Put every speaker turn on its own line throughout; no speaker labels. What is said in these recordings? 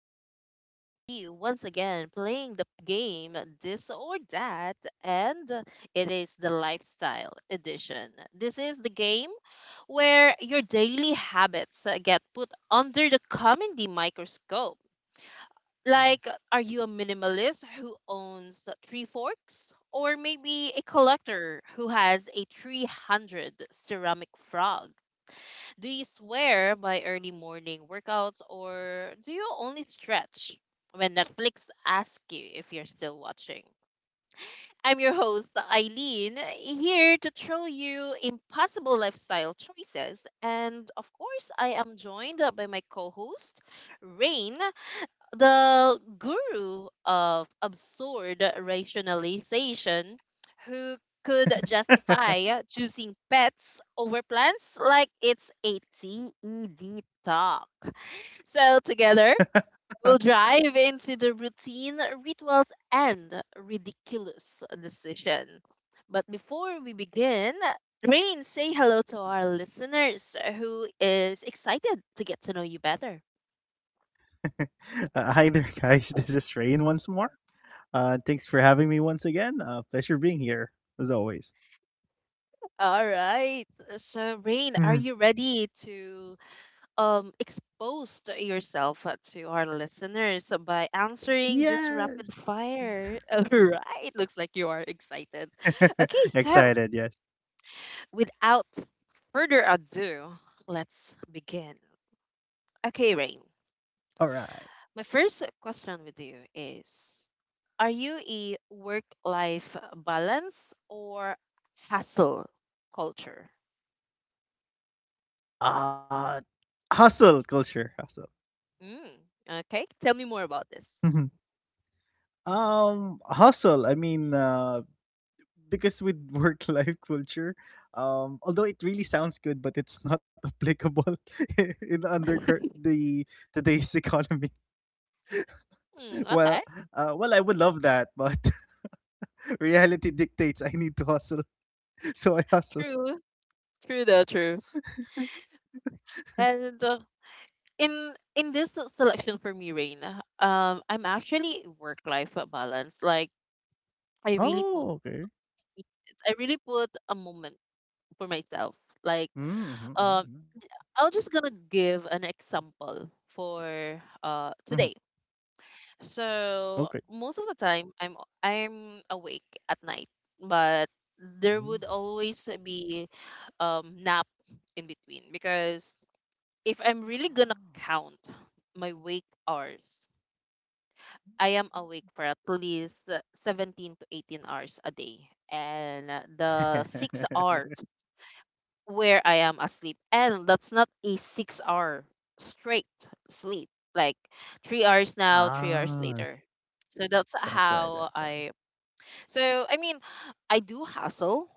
where we will be once again playing the game This or That, and it is the Lifestyle Edition. This is the game where your daily habits get put under the comedy microscope. Like, are you a minimalist who owns three forks? Or maybe a collector who has a 300 ceramic frog? Do you swear by early morning workouts, or do you only stretch when Netflix asks you if you're still watching? I'm your host, Eileen, here to throw you impossible lifestyle choices. And of course, I am joined by my co host, Rain, the guru of absurd rationalization, who could justify choosing pets over plants like it's a TED talk. So, together, we'll drive into the routine, rituals, and ridiculous decision. But before we begin, Rain, say hello to our listeners who is excited to get to know you better.
Hi there, guys. This is Rain once more. Thanks for having me once again. Pleasure being here, as always.
All right. So, Rain, are
Mhm.
you ready to expose to yourself, to our listeners by answering this
Yes.
rapid fire? All right. Looks like you are excited. Okay, so
Excited, yes.
without further ado, let's begin. Okay, Rain.
All right.
My first question with you is, are you a work life balance or hustle culture?
Uh, hustle culture. Hustle.
Mm, okay. Tell me more about this.
Mhm. Hustle. I mean, because with work life culture, although it really sounds good, but it's not applicable in the today's economy.
Mm,
Well,
okay.
I would love that, but reality dictates I need to hustle, so I hustle.
True. True though, true. And in selection for me, Rain, I'm actually work life balance. Like I really
Oh, okay.
it- I really put a moment for myself. Like
Mm-hmm,
um
mm-hmm,
I'm just gonna give an example for
mm-hmm.
today.
Okay.
So most of the time I'm awake at night, but there would
Mm.
always be nap in between because if I'm really gonna
Oh.
count my wake hours, I am awake for at least 17 to 18 hours a day. And the 6 hours where I am asleep. And that's not a 6 hour straight sleep, like 3 hours now, 3 hours
Ah,
later. So that's
that's why.
how
That's
I.
why.
So, I mean, I do hustle,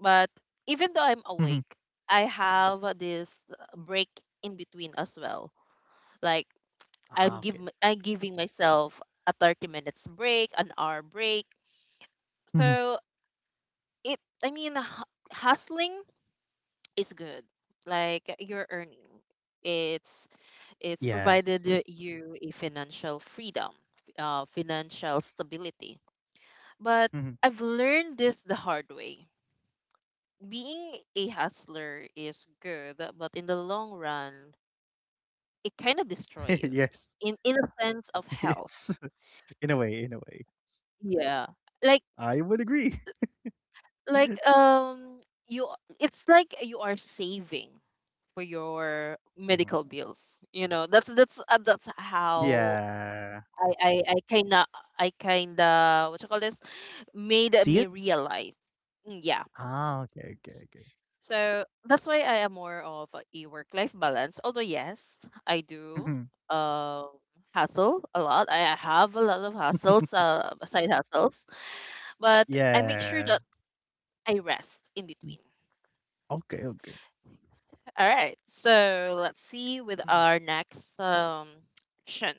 but even though I'm awake,
Mhm.
I have this break in between as well. Like,
Ah,
I'm,
okay.
give, I'm giving myself a 30 minutes break, an hour break.
Mhm.
So, it, I mean, hustling is good. Like, you're earning it's it's
Yes.
provided you a financial freedom, financial stability. But
Mhm.
I've learned this the hard way. Being a hustler is good, but in the long run, it kind of destroy
Yes.
you in a sense of
It's
health.
in a way. In a way,
Yeah. Like
I would agree.
like um you it's like you are saving for your
Mhm.
medical bills. You know, that's that's how
Yeah.
I I kind of what you call this made me
See it?
realize. Mm, yeah.
Ah, okay, okay, okay.
So that's why I am more of a work life balance. Although yes, I
Mhm.
do um hustle a lot. I have a lot of hustles, side hustles, but I make sure
Yeah.
that I rest in between.
Okay, okay.
All right. So let's
Mhm.
see with our next action.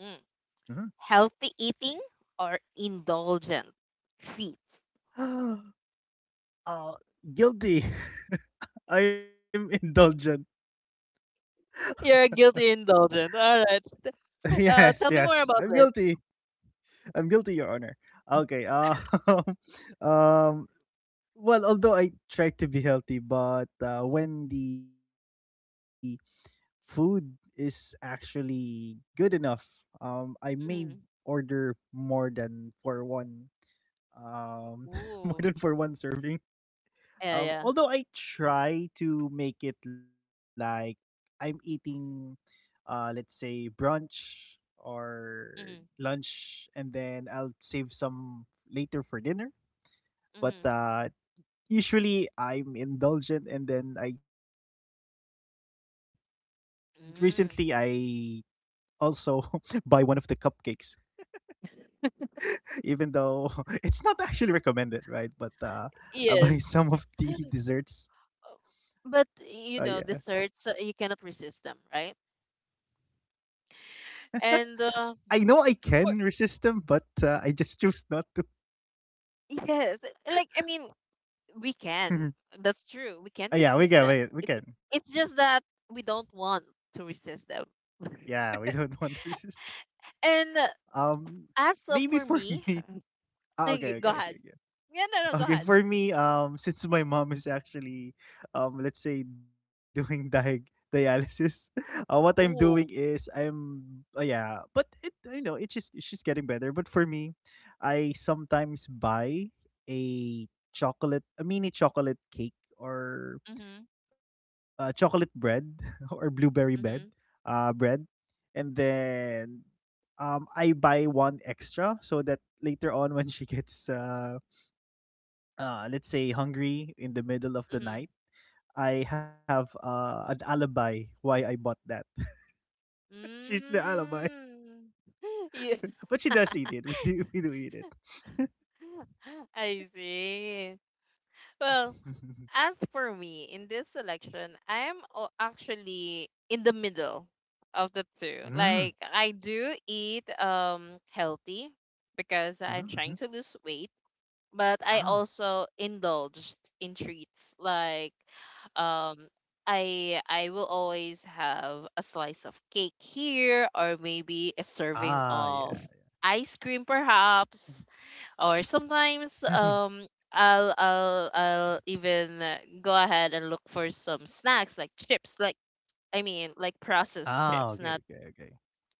Mm.
Mhm.
Healthy eating or indulgent treats.
Oh, guilty. I'm indulgent.
You're a guilty indulgent. All right.
Yes,
Tell
yes.
me more
I'm
about this.
guilty. I'm guilty, Your Honor. Okay. Um well, although I try to be healthy, but when the food is actually good enough, I may order
Mhm.
more than for one, um, more than for one
Ooh.
serving.
Yeah,
Although
yeah.
I try to make it like I'm eating, let's say brunch or
Mhm.
lunch, and then I'll save some later for dinner. But
Mhm.
usually I'm indulgent and then I recently I also
Mm.
buy one of the cupcakes even though it's not actually recommended, right, but I buy
Yes.
some of the desserts.
But
Yeah.
you know, desserts you cannot resist them, right? And
I know I can
for
resist them, but I just choose not to.
yes, like I mean, we
uh,
can. That's true. We can
yeah, we
resist
can
them.
wait, we can.
It's just that we don't want to resist them.
Yeah, we don't want to resist.
And
um
as
Maybe
for
for
me,
me. Ah, okay,
like, go
okay,
ahead.
yeah, yeah.
Yeah, no, no, go
Okay,
ahead.
for me, since my mom is actually, let's say doing dialysis, what I'm
Ooh.
doing is yeah, but it, it's just getting better. But for me, I sometimes buy a chocolate, a mini chocolate cake
Mhm.
or chocolate bread, or blueberry bread,
Mhm.
bread, and then I buy one extra so that later on when she gets let's say hungry in the middle of
Mhm.
the night, I have an alibi why I bought that. She's the alibi,
Mm. You,
but she does eat it. We do eat it.
I see. Well, as for me, in this selection, I am actually in the middle of the two. Like
Mm.
I do eat healthy because I'm trying
Mm-hmm,
to
hmm.
lose weight, but I
Oh.
also indulged in treats like um I will always have a slice of cake here, or maybe a serving
Ah. Yeah.
of ice cream perhaps, or sometimes
Mhm.
I'll even go ahead and look for some snacks like chips, like I mean, like processed
Ah.
chips,
Okay.
not
Okay. Okay.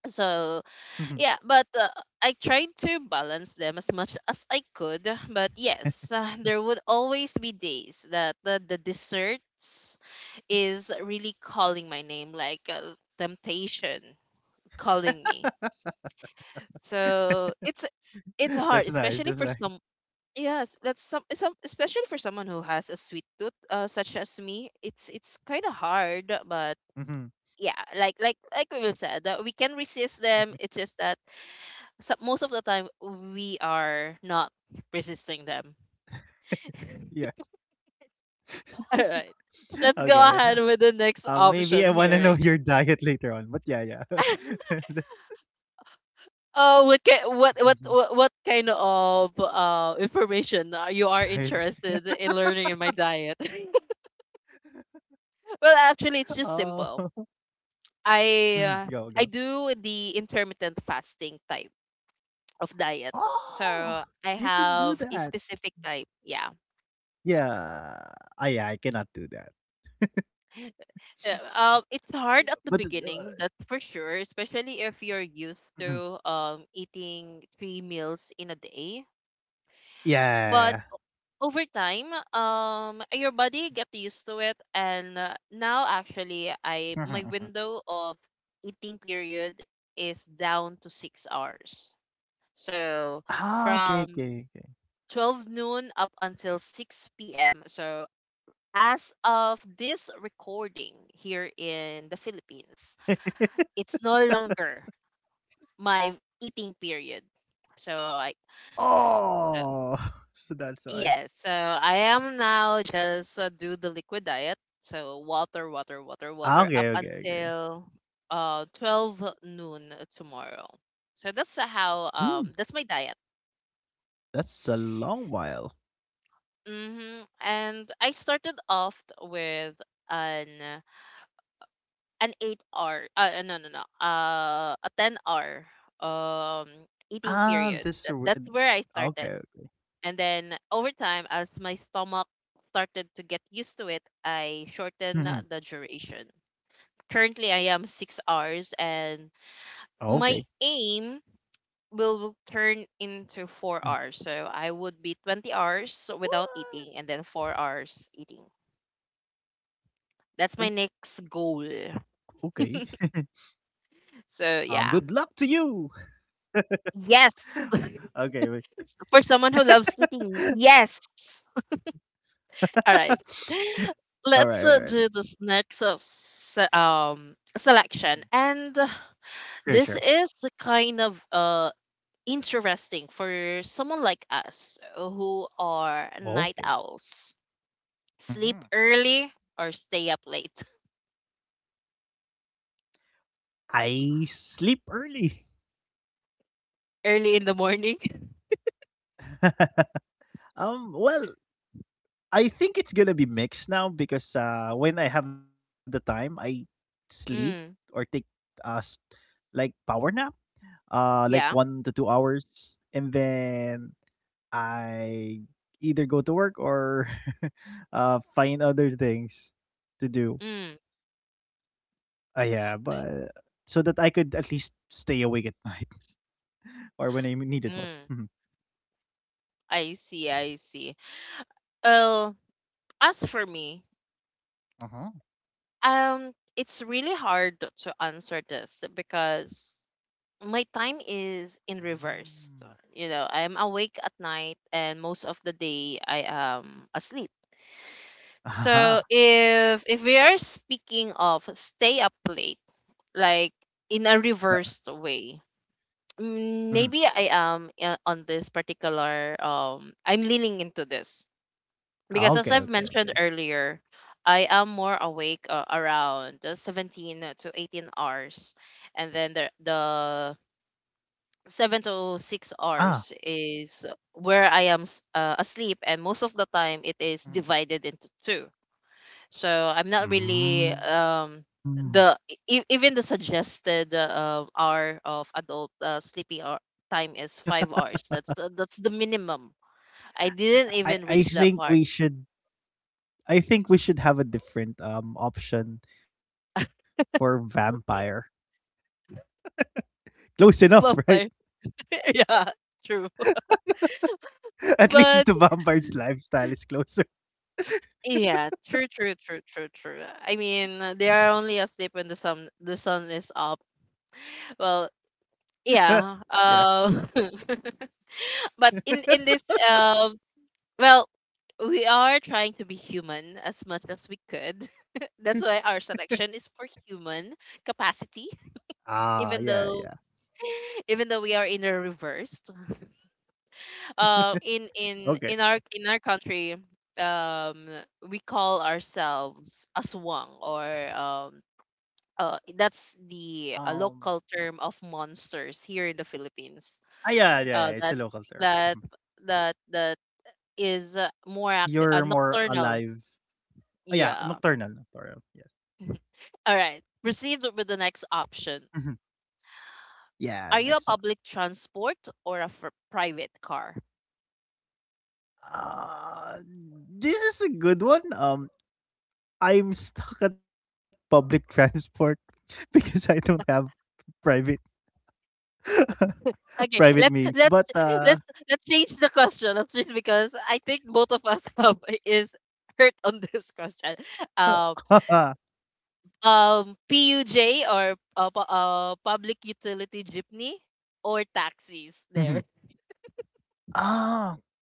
so
Mhm.
yeah, but I tried to balance them as much as I could, but yes, there would always be days that the desserts is really calling my name, like temptation calling me, so it's
That's
hard,
nice.
especially
That's
for
nice.
some. Yes, that's some, especially for someone who has a sweet tooth, such as me. It's kind of
Hmm.
hard, but yeah, like we said, we can resist them. It's just that so, most of the time we are not resisting them.
Yes.
All right, let's go
Okay.
ahead with
Uh,
the
maybe
next
I want to know
option
your
hearing.
diet later on, but yeah, yeah. Let's
Oh, what what what what what kind of information are you are
diet.
interested in learning in my diet? Well, actually, it's
Oh.
just simple.
Mhm.
I
Go,
uh,
go.
I do the intermittent fasting type of diet.
Oh!
So I
You can do
have a
that.
specific type. Yeah.
Yeah. Ah, yeah, I cannot do that.
Yeah, um, it's
But
hard at the beginning, that's for sure, especially if you're used
mhm.
to eating three meals in a day. But
Yeah.
over time, your body get used to it, and now actually,
Mhm, mhm.
I my window of eating period is down to 6 hours. So
Ah, okay,
from
okay, okay.
12 noon up until 6 p.m. So, as of this recording here in the Philippines, it's no longer my eating period. So, so,
Oh! So that's
yes,
why.
so I am now just do the liquid diet. So, water, water, water,
Ah,
water up
okay, okay, okay.
until 12 noon tomorrow. So, that's how
Hmm,
that's my diet.
that's a long while.
Hmm. And I started off with an an 8 hour no no no a 10 hour um eating period.
Ah, this a
That's
wi
where I started,
okay.
and then over time as my stomach started to get used to it, I shortened the
Mhm.
duration. Currently I am
Oh,
6
okay.
hours, and my aim will turn
Mhm.
into 4 hours, so I would be 20 hours without
What?
eating and then 4 hours eating.
O
That's my next
okay.
goal.
Good luck
So
to
yeah,
you!
yes.
Okay, wait.
For someone who loves eating, yes. All right.
Alright,
Let's
alright, alright.
do this next,
Mhm.
selection, and
Sure, sure.
this is the kind of interesting for someone like us who are night
Okay.
owls. Sleep
Mhm.
early or stay up late.
I sleep early.
Early in the morning.
Well, I think it's gonna be mixed now because when I have the time, I sleep or take
Mm,
uh s- like power nap, like one
yeah.
to two hours, and then I either go to work or find other things to do.
Mm,
Yeah, but so that I could at least stay awake at night, or when I'm needed most.
mm.
Mhm.
I see, I see. Well, as for me,
Uh-huh.
um, it's really hard to answer this because my time is in reverse.
Mm.
You know, I'm awake at night and most of the day I am asleep.
Aha.
So if we are speaking of stay up late, like in
Tha.
a reversed way,
Mhm.
mm, maybe I am on this particular I'm leaning into this because as
Okay,
I've
okay,
mentioned
okay.
earlier, I am more awake around the 17 to 18 hours, and then the seven to six
Ah.
hours is where I am asleep, and most of the time it
Mhm.
is divided into two. So I'm not really
Mm.
the even the suggested hour of adult sleeping hour time is 5 hours. That's that's the minimum. I
I I
didn't even
think
reach
we
that
should
part.
I think we should have a different, option for vampire. Close enough, right?
Yeah, true.
At least the
But
vampire's lifestyle is closer.
yeah, true, true, true, true, true. I mean, they are only asleep when the sun is up. Well,
Yeah.
yeah. But in this um, well, we are trying to be human as much as we could. That's why our selection is for human capacity,
Ah, yeah, yeah.
even though even though we are in a reverse. Uh, in in
Okay.
in our in our country, um, we call ourselves aswang or um, that's
Um,
the local term of monsters here in the Philippines.
yeah, yeah, yeah, it's a
Uh,
local
that
term. Mhm.
that that is more
You're
active,
more
nocturnal.
alive. Oh, yeah,
Yeah.
nocturnal, nocturnal, yes.
All right. Proceed with the next
Mhm.
option.
Yeah, the next one.
Are you a public transport or a private car?
Uh, this is a good one. I'm stuck at public transport because I don't have private private
Okay,
means. But
let's let's change the question. Let's change because I think both of us is hurt on this question. Um, PUJ or public utility jeepney or taxis
mhm.
there.
Ah,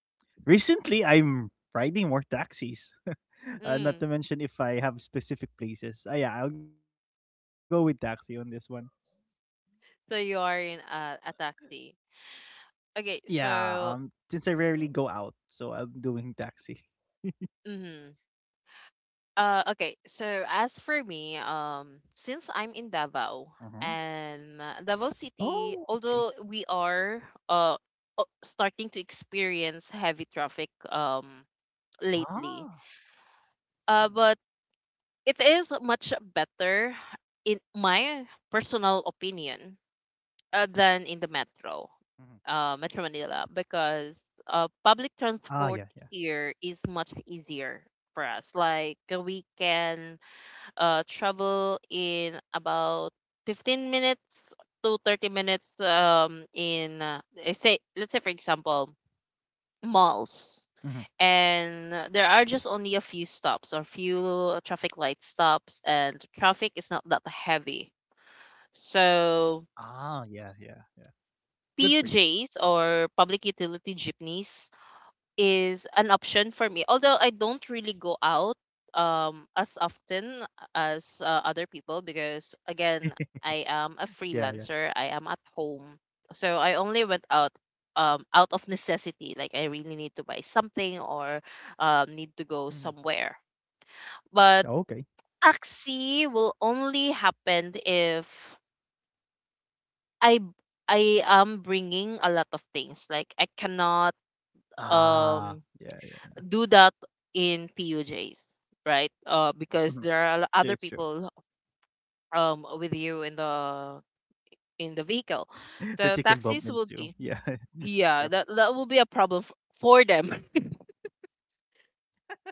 recently I'm riding more taxis.
Mm.
Not to mention if I have specific places. Ah, yeah, I'll go with taxi on this one.
So you are in a taxi. Okay, so
Yeah. Since I rarely go out, so I'm doing taxi.
mhm. Okay. So as for me, since I'm in Davao, and Davao City, although
Oh,
we
okay.
are uh starting to experience heavy traffic lately,
Ah.
but
Mhm, mhm,
it is much better in my personal opinion, than in the metro,
mhm.
Metro Manila, because public
Ah,
transport
yeah, yeah.
here is much easier for us. Like we can travel in about 15 minutes to 30 minutes say, let's say, for example, malls.
Mhm.
And there are just only a few stops or few traffic light stops, and traffic is not that heavy. So
Ah, yeah, yeah, yeah. Good for you.
PUJs or public utility jeepneys is an option for me. Although I don't really go out as often as other people, because again, I am a
Yeah, yeah.
freelancer. I am at home. So I only went out out of necessity, like I really need to buy something or need to go somewhere.
Mhm.
But
Okay.
taxi will only happen if I I am bringing a lot of things. Like I cannot um
Ah, yeah,
do
yeah.
that in PUJs, right? Because there are
Mhm.
other people
True, it's true.
with you in the vehicle, so
That you can
taxis
bump
will be
into. Yeah,
yeah
it's
that
true.
that will be a problem for them.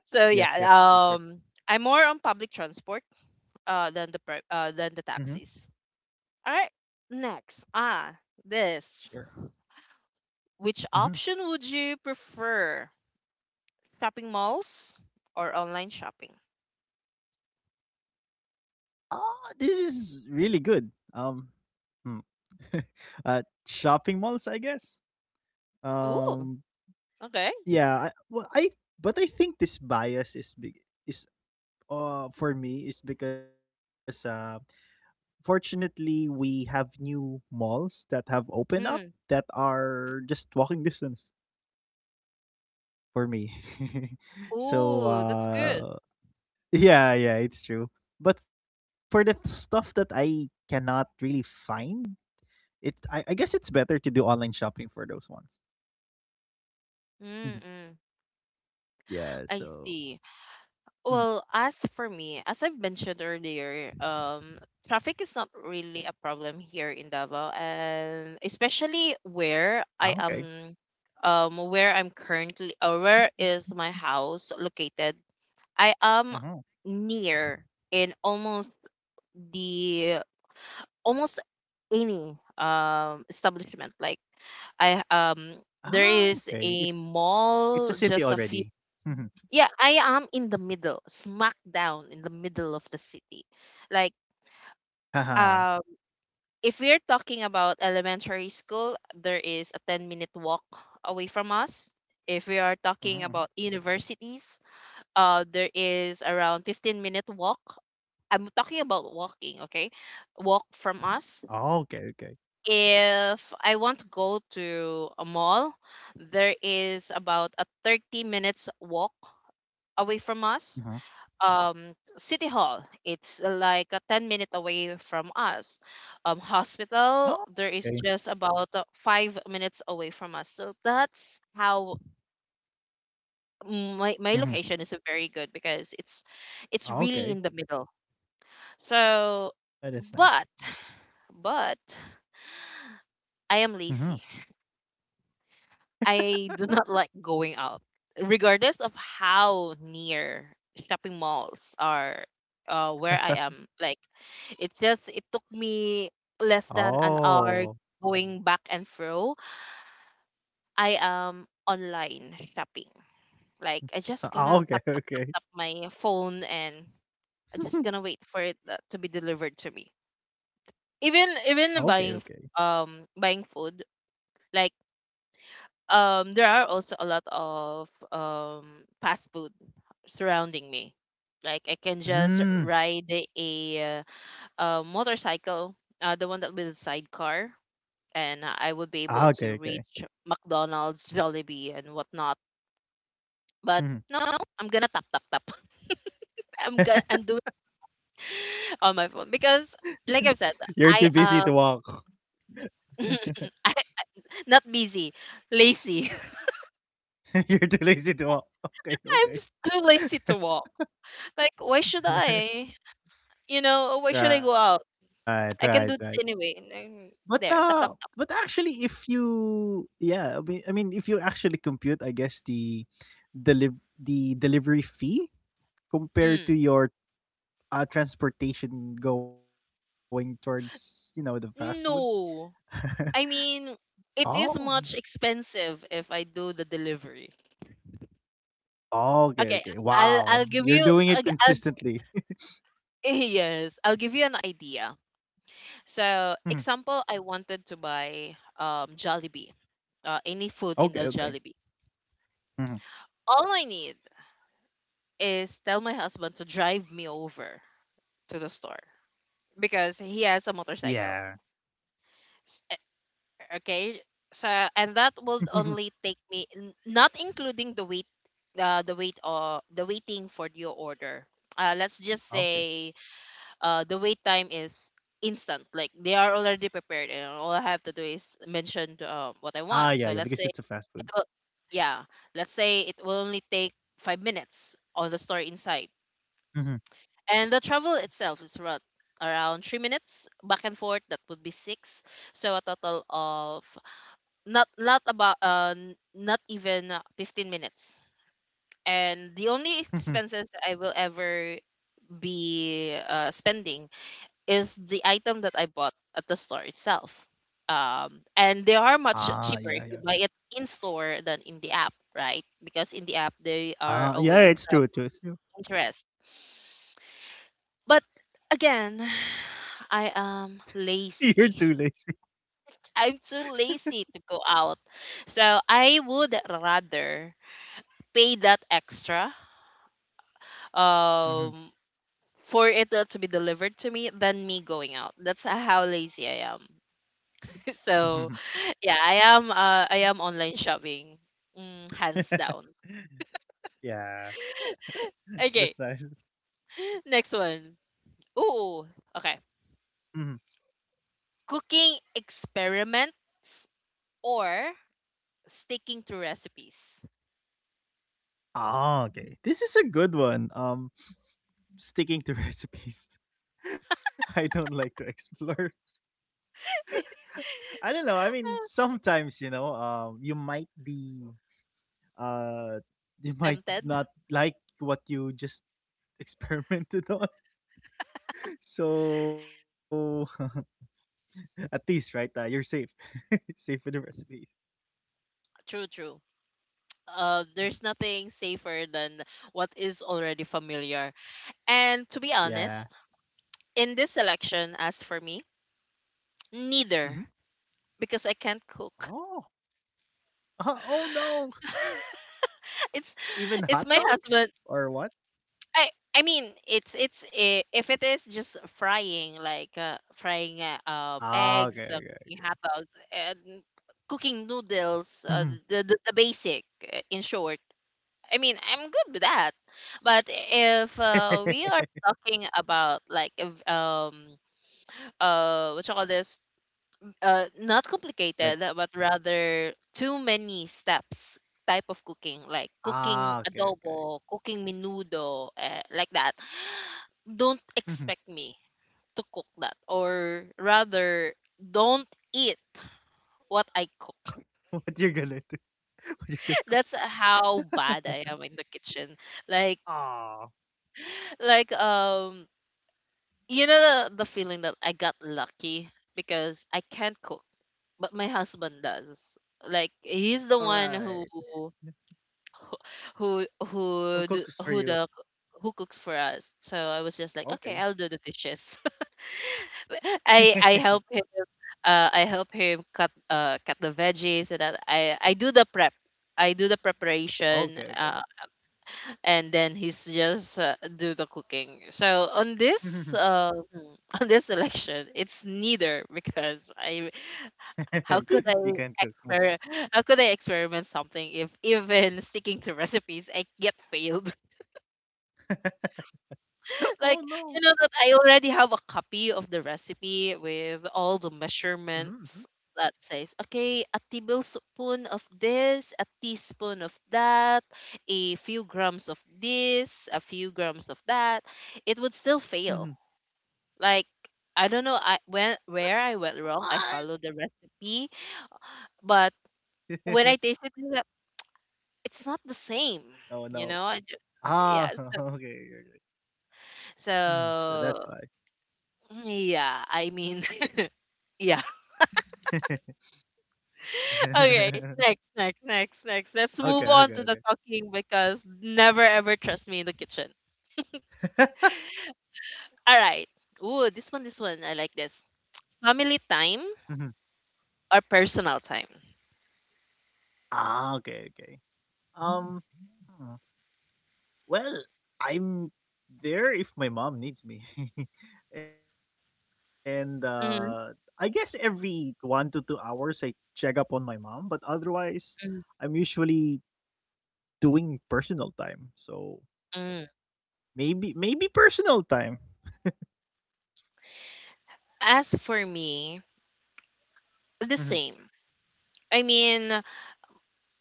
So yeah,
Yeah, yeah, it's true.
I'm more on public transport than the than the
Hmm.
taxis. All right, next, this,
Sure.
which
Hmm.
option would you prefer? Shopping malls or online shopping?
Ah, this is really good. Um, hmm. Shopping malls, I guess.
Ooh,
Um,
okay.
yeah. Well, I think this bias is big. For me is because fortunately we have new malls that have
Mm.
opened up that are just walking distance for me.
Ooh, that's
So
good.
yeah, yeah, it's true. But for the stuff that I cannot really find, I guess it's better to do online shopping for those ones.
Mm-mm.
Mhm.
I
Yeah.
see.
So.
Well, as
Mhm.
for me, as I've mentioned earlier, traffic is not really a problem here in Davao, and especially where I
Ah,
am,
okay.
where I'm currently, or where is my house located. I am
Hmm.
near in almost the almost any establishment. Like I there is
Ah,
a
okay.
mall just a
It's a
few.
city already.
Yeah,
Mhm.
I am in the middle, smack down in the middle of the city. Like
Haha.
um if we're talking about elementary school, there is a 10-minute walk away from us. If we are talking about
Mhm, mhm.
universities, there is around 15-minute walk, I'm talking about walking, okay, walk from us.
Oh, okay, okay.
If I want to go to a mall, there is about a 30 minutes walk away from us.
Uh-huh.
um city hall, it's like a 10 minute away from us. Hospital,
Oh,
there is just
okay.
about 5 minutes away from us. So that's how, my location is very
Mhm.
good, because it's really in the
Oh,
middle.
okay.
So
That is nice, that's
but
nice.
but I am lazy.
Mhm.
I do not like going out, regardless of how near shopping malls are where I am. Like, it's just, it took me less than an hour
Oh.
going back and fro. I am online shopping. Like, I just gonna tap, tap,
Oh,
tap,
okay,
tap my
okay.
phone and I just gonna wait for it to be delivered to me. Even
Oh, okay,
buying,
okay.
buying food, like, there are also a lot of fast food surrounding me. Like I can just ride
Mm.
a motorcycle, the one that with a sidecar, and I would be able
Ah,
to
okay,
reach
okay.
McDonald's, Jollibee, and whatnot. But no, no, no,
Mhm.
I'm gonna tap, tap, tap. I'm doing it on my phone because like I said.
You're too
I
busy to walk.
I, not busy, lazy.
You're too lazy to walk.
I'm
Okay,
too
okay.
lazy to walk. Like, why should I, you know, why should I go out?
Right, right,
I can
right.
do this anyway. And then,
But,
there, tap, tap,
uh
tap.
but actually if you yeah, I mean, if you actually compute, I guess, the deliv the delivery fee compared to
Mm.
your transportation going towards the fast food.
No, I mean,
Oh,
it is much expensive if I do the delivery.
oh, okay,
Okay,
okay,
I'll
wow,
I'll give
you're
you,
doing it consistently.
yes, I'll give you an idea.
Mhm.
So, example, I wanted to buy Jollibee, any food in
Okay,
the
okay.
Jollibee.
Mhm.
All I need is tell my husband to drive me over to the store because he has a
Yeah.
motorcycle. Okay. So, and that will only take me, not including the wait, or the waiting for your order. Let's just say
Okay.
the wait time is instant. Like, they are already prepared and all I have to do
Ah,
is
yeah, yeah,
mention
because it's a fast
what I
food.
want. So, let's say it will, yeah, let's say it will only take 5 minutes on the store inside.
Mhm.
And the travel itself is around 3 minutes back and forth, that would be 6. So a total of, not about not even 15 minutes. And the only expenses that I will ever be spending is the item that I bought at the store itself. um, and they are
Ah,
much
yeah, yeah.
cheaper if you buy it in store than in the app, right? Because in the app they are
Ah, yeah,
always
it's true too, it's true.
interest. But again, I am
You're
lazy.
too lazy.
I'm too lazy to go out, so I would rather pay that extra um
Mhm.
for it not to be delivered to me than me going out. That's how lazy I am. So
Mhm.
yeah, I am online shopping. Mm, hands down.
Yeah.
Okay.
That's nice.
Next one. Ooh, okay.
Mhm.
Cooking experiments or sticking to recipes?
Ah, okay, this is a good one. Sticking to recipes. I don't like to explore. I don't know. I mean, sometimes you know, you might be, uh, you might
Tempted?
not like what you just experimented on. So, at least, right, you're safe, safe with the recipes.
True, true.
Mhm.
There's nothing safer than what is already familiar. And to be
Yeah.
honest, in this selection, as for me,
Hmm.
neither, because I can't
Oh.
cook.
Ah, oh no!
it's
Even hot
it's my
dogs
husband.
or what?
I I mean, if it is just frying, like frying
Ah, okay, okay.
eggs, cooking hot dogs, and cooking
Mhm.
noodles, the, the basic in short. I mean, I'm good with that, but if we are talking about, like, if, what you call this, not
Like.
complicated, but rather too many steps type of cooking, like
Ah, okay,
cooking
okay.
adobo, cooking menudo, like that. Don't
Mhm.
expect me to cook that, or rather, don't eat what I cook.
What you're gonna do? What you gonna
That's how
cook?
bad I am in the kitchen. Like,
Ah,
like you know the feeling that I got lucky because I can't cook, but my husband does. Like, he's the one
alright. Who
who
cooks
do,
for
who
you?
the who cooks for us. So I was just like, okay,
Okay.
I'll do the dishes. I help him. I help him cut the veggies, and that I do the prep. I do the
Okay,
preparation,
okay.
uh, and then he's just do the cooking. So on this on this election, it's neither, because I how
You
could I
can't cook most.
exper how could I experiment something if even sticking to recipes I get failed? Like,
Oh,
you
no.
know that I already have a copy of the recipe with all the
Mhm, mhm,
measurements that says, okay, a tablespoon of this, a teaspoon of that, a few grams of this, a few grams of that. It would still
mhm.
fail. Like, I don't know, I when where
What?
I went wrong. I followed the recipe, but when I tasted it, it's like, "It's not the
No,
same.
no.
You know,
Ah,
yeah.
okay,
So,
okay, okay. Mhm, so that's why.
so yeah, I mean, yeah. Okay, next.
Okay,
Let's move
okay,
on
okay.
to the talking, because never ever trust me in the kitchen. All right. Ooh, this one, this one. I like this. Family
Mhm.
time or personal time?
Ah, okay, okay. Um, hmm. Well, I'm there if my mom needs me. and I guess
Mm,
every 1 to 2 hours I check up on my mom, but otherwise I'm
mm,
usually doing personal time. So
mm.
maybe personal time.
As for me,
Mhm.
the same. I mean,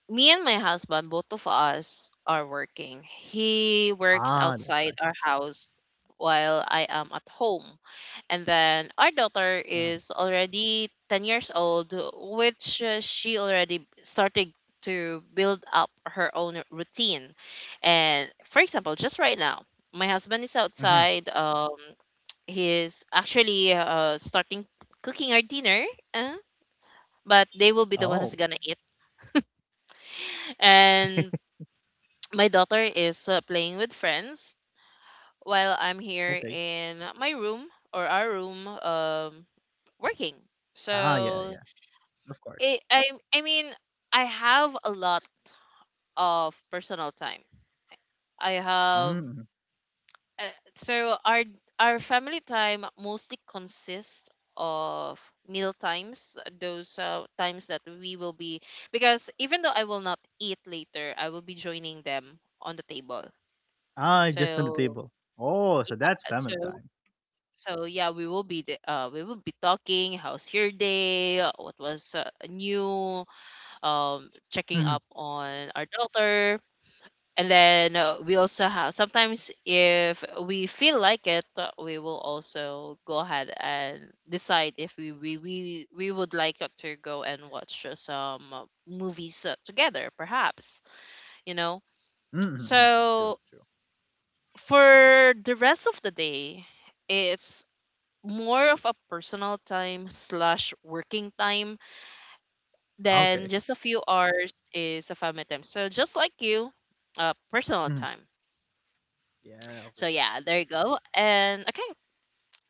me and my husband, both of us are working. He works
Ah,
outside
that's
our
right.
house while I am at home. And then our
Mhm.
daughter is already 10 years old, which she already started to build up her own routine. And for example, just right now, my husband is outside.
Mhm.
He's actually starting cooking our dinner, uh, but they
Oh.
will be the one who's gonna eat. And my daughter is playing with friends while I'm here
Okay.
in my room or our room, working.
Ah, yeah, yeah.
So,
Of course.
it, I I mean, I have a lot of personal time. I have
Mm.
uh, so our our family time mostly consists of meal times, those times that we will be, because even though I will not eat later, I will be joining them on the table.
Ah, just on the
So
table. Oh, so
uh,
that's family
so
time.
so yeah, we will be the, we will be talking. How's your day? What was new? Checking up
Mm-hmm.
on our doctor, and then we also have sometimes, if we feel like it, we will also go ahead and decide if we would like to go and watch some movies together, perhaps, you know.
Mm-hmm. Mm-hmm. True,
So
true.
for the rest of the day, it's more of a personal time slash working time,
Ah, okay.
then just a few hours is a family time, so just like you, personal
Mm-hmm.
time.
Yeah,
So
okay, okay.
yeah, there you go. And okay,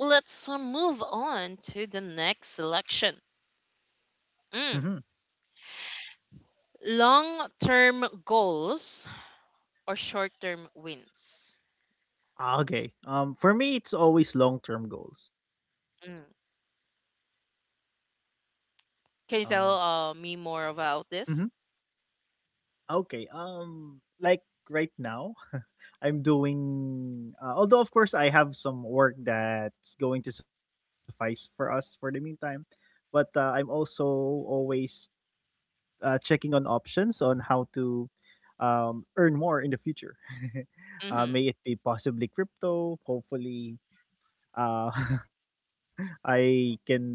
let's move on to the next selection.
Mm-hmm.
Mm. Long-term goals or short-term wins?
Ah, okay. For me, it's always long term goals.
Mm.
Um,
Can you tell me more about
mhm.
this?
Okay. Like right now, I'm doing. Although of course I have some work that's going to suffice for us for the meantime, but I'm also always checking on options on how to earn more in the future.
Hmm.
May it be possibly crypto. Hopefully, uh, I can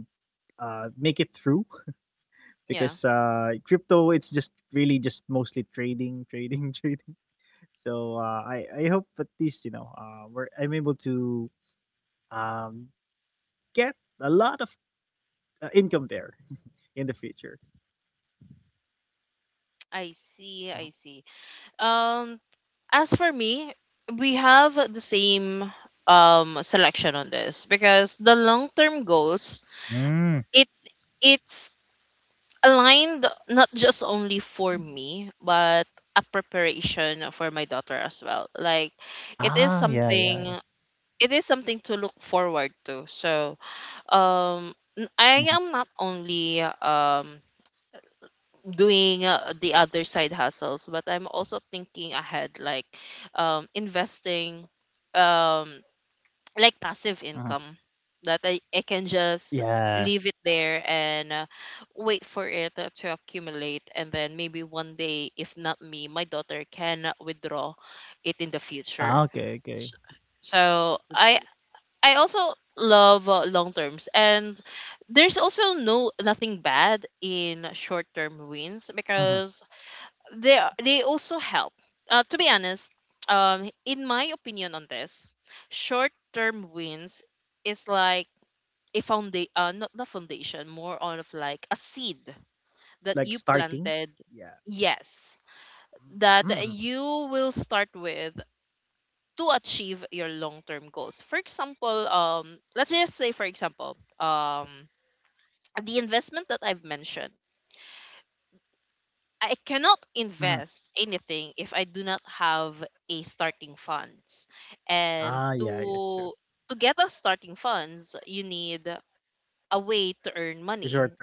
make it through because
Yeah,
crypto it's just really just mostly trading, trading, trading. So I hope at least where I'm able to get a lot of income there in the future.
I see, I see.
Uh-huh.
Um, as for me, we have the same selection on this, because the long-term goals,
Mm.
it's it's aligned not just only for me, but a preparation for my daughter as well. Like, it is
Ah,
something
yeah, yeah, yeah.
it is something to look forward to. So, um
Mhm.
I am not only doing the other side hustles, but I'm also thinking ahead, like investing, um like passive income
Uh-huh.
that I can just
Yeah.
leave it there and wait for it to accumulate, and then maybe one day, if not me, my daughter can withdraw it in the future.
Ah,
S-
okay, okay.
so i I also love long terms. And there's also no, nothing bad in short term wins,
Mm-hmm.
because they also help. To be honest, in my opinion on this, short term wins is like a foundation, not the foundation, more on of like a seed
Like
that you
starting,
planted.
yeah.
Yes, that
Mm-hmm.
you will start with to achieve your long-term goals. For example, let's just say, for example, the investment that I've mentioned, I cannot
Mm-hmm.
invest anything if I do not have a starting funds. And
Ah, yeah, yeah,
to
it's true.
to get a starting funds, you need a way to earn
Short term.
money.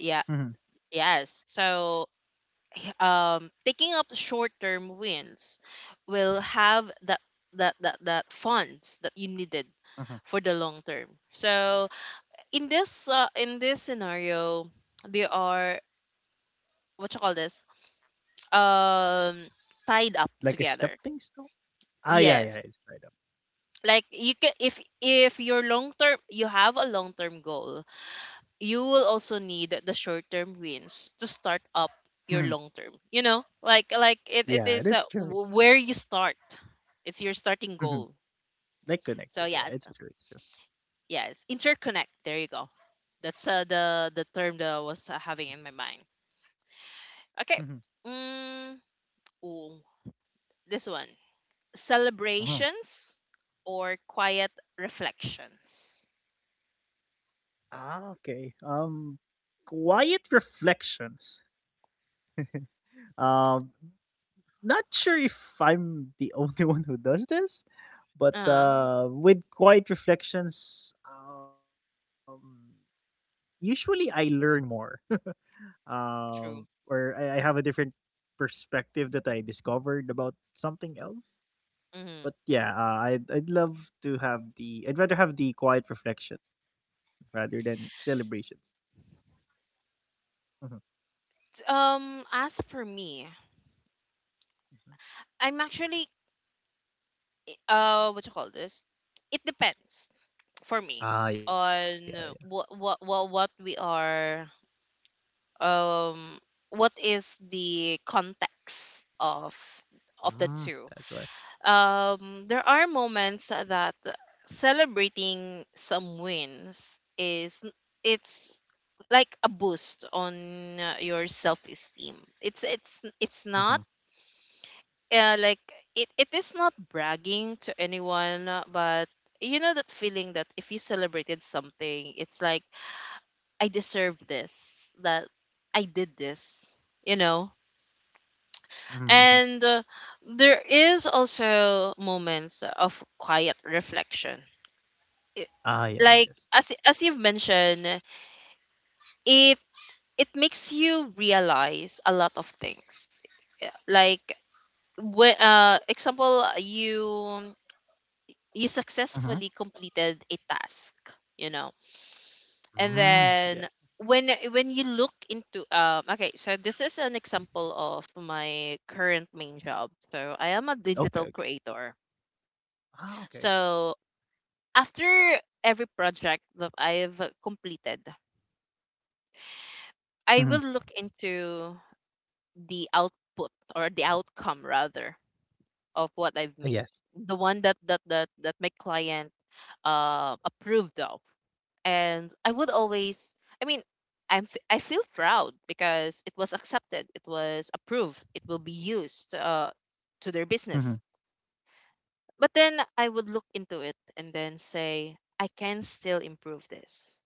Yeah.
Mm-hmm.
Yes. So taking up short-term wins will have that funds that you needed for
Mm-hmm.
the long term. So in this scenario, they are what you call this, um, tied up
Like a
together.
stepping stone. Ah, yeah,
Yes,
yeah, it's tied up.
like you can, if your long term, you have a long term goal, you will also need the short term wins to start up your
Mhm.
long term, you know, it is
Yeah, that's true, it's
where
true.
you start, it's your starting goal.
Mhm. Like
So
connected,
yeah.
yeah, it's true, it's true.
Yeah, it's interconnect, there you go. That's the term that I was having in my mind. Okay.
Mhm.
mm, ooh, this one,
Uh-huh.
celebrations or quiet reflections.
Ah, okay. Quiet reflections. Um, Not sure if I'm the only one who does this, but
uh
with quiet reflections, usually I learn more.
True.
Or I have a different perspective that I discovered about something else. But
Hmm.
yeah, I'd rather have the quiet reflection rather than celebrations. Hmm.
As for me, I'm actually, what you call this, it depends for me
Ah yeah,
on what we are, um what is the context of the
mm,
two.
that's why.
There are moments that celebrating some wins is, it's like a boost on your self esteem. It's
Mm-hmm.
not like, it is not bragging to anyone, but you know that feeling that if you celebrated something, it's like I deserve this, that I did this, you know.
Hmm. Hmm.
And there is also moments of quiet reflection. It,
Ah
like
yeah,
as
yes.
as you've mentioned, it it makes you realize a lot of things. Yeah, like when example, you successfully
Hmm.
completed a task, you know. And
Mm. Yeah.
then when you look into, okay, so this is an example of my current main job. So I am a digital
Okay, okay.
creator.
Ah,
So
okay.
after every project that I've completed,
Hmm.
I will look into the output, or the outcome rather, of what I've made,
Ah, yes.
the one that that my client approved of. And I would always, I mean, I'm I feel proud because it was accepted, it was approved, it will be used to their business.
Hmm.
But then I would look into it and then say, I can still improve this,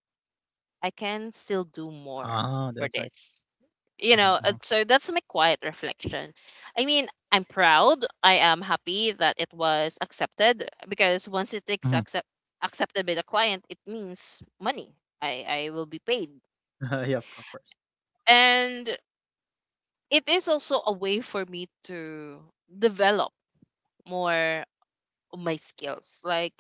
I can still do more
Ah, that's why.
for this, you know. uh,
Mm-hmm.
so that's my quiet reflection. I mean, I'm proud, I am happy that it was accepted, because once it is
Hmm.
accepted by the client it means money. I will be paid.
Hmm. Yeah, of course, of course.
And it is also a way for me to develop more of my skills, like,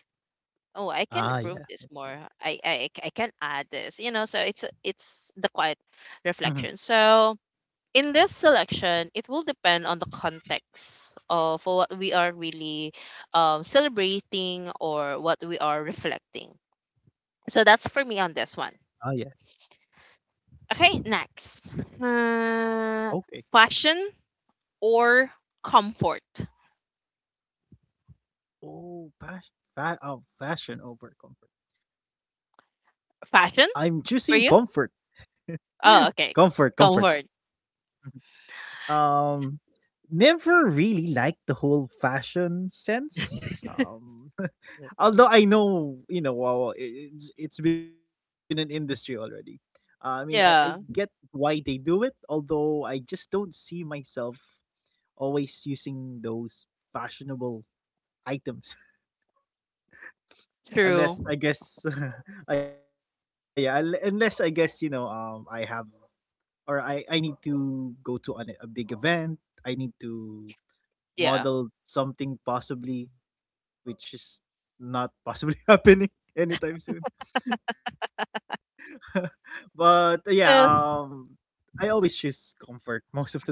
oh, I can improve this more,
Ah yeah, it's
I
true.
can add this, you know. So it's the quiet reflection.
Hmm.
So in this selection, it will depend on the context of what we are really, celebrating, or what we are reflecting. So that's for me on this one.
Ah yeah.
Okay,
Hmm.
next. uh, Fashion
Okay.
or comfort.
Fashion over comfort.
Fashion
I'm
for
choosing
you?
comfort.
Oh, okay.
Comfort,
Comfort.
comfort. Um, Never really liked the whole fashion sense. Although I know, wow, it's been an industry already. I get
Yeah,
why they do it, although I just don't see myself always using those fashionable items.
true.
Unless, yeah, unle- unless I guess you know I have, or I need to go to a big event. I need to
Yeah.
model something, possibly. Which is not possibly happening anytime soon. But
Uh,
I always choose comfort most of the time.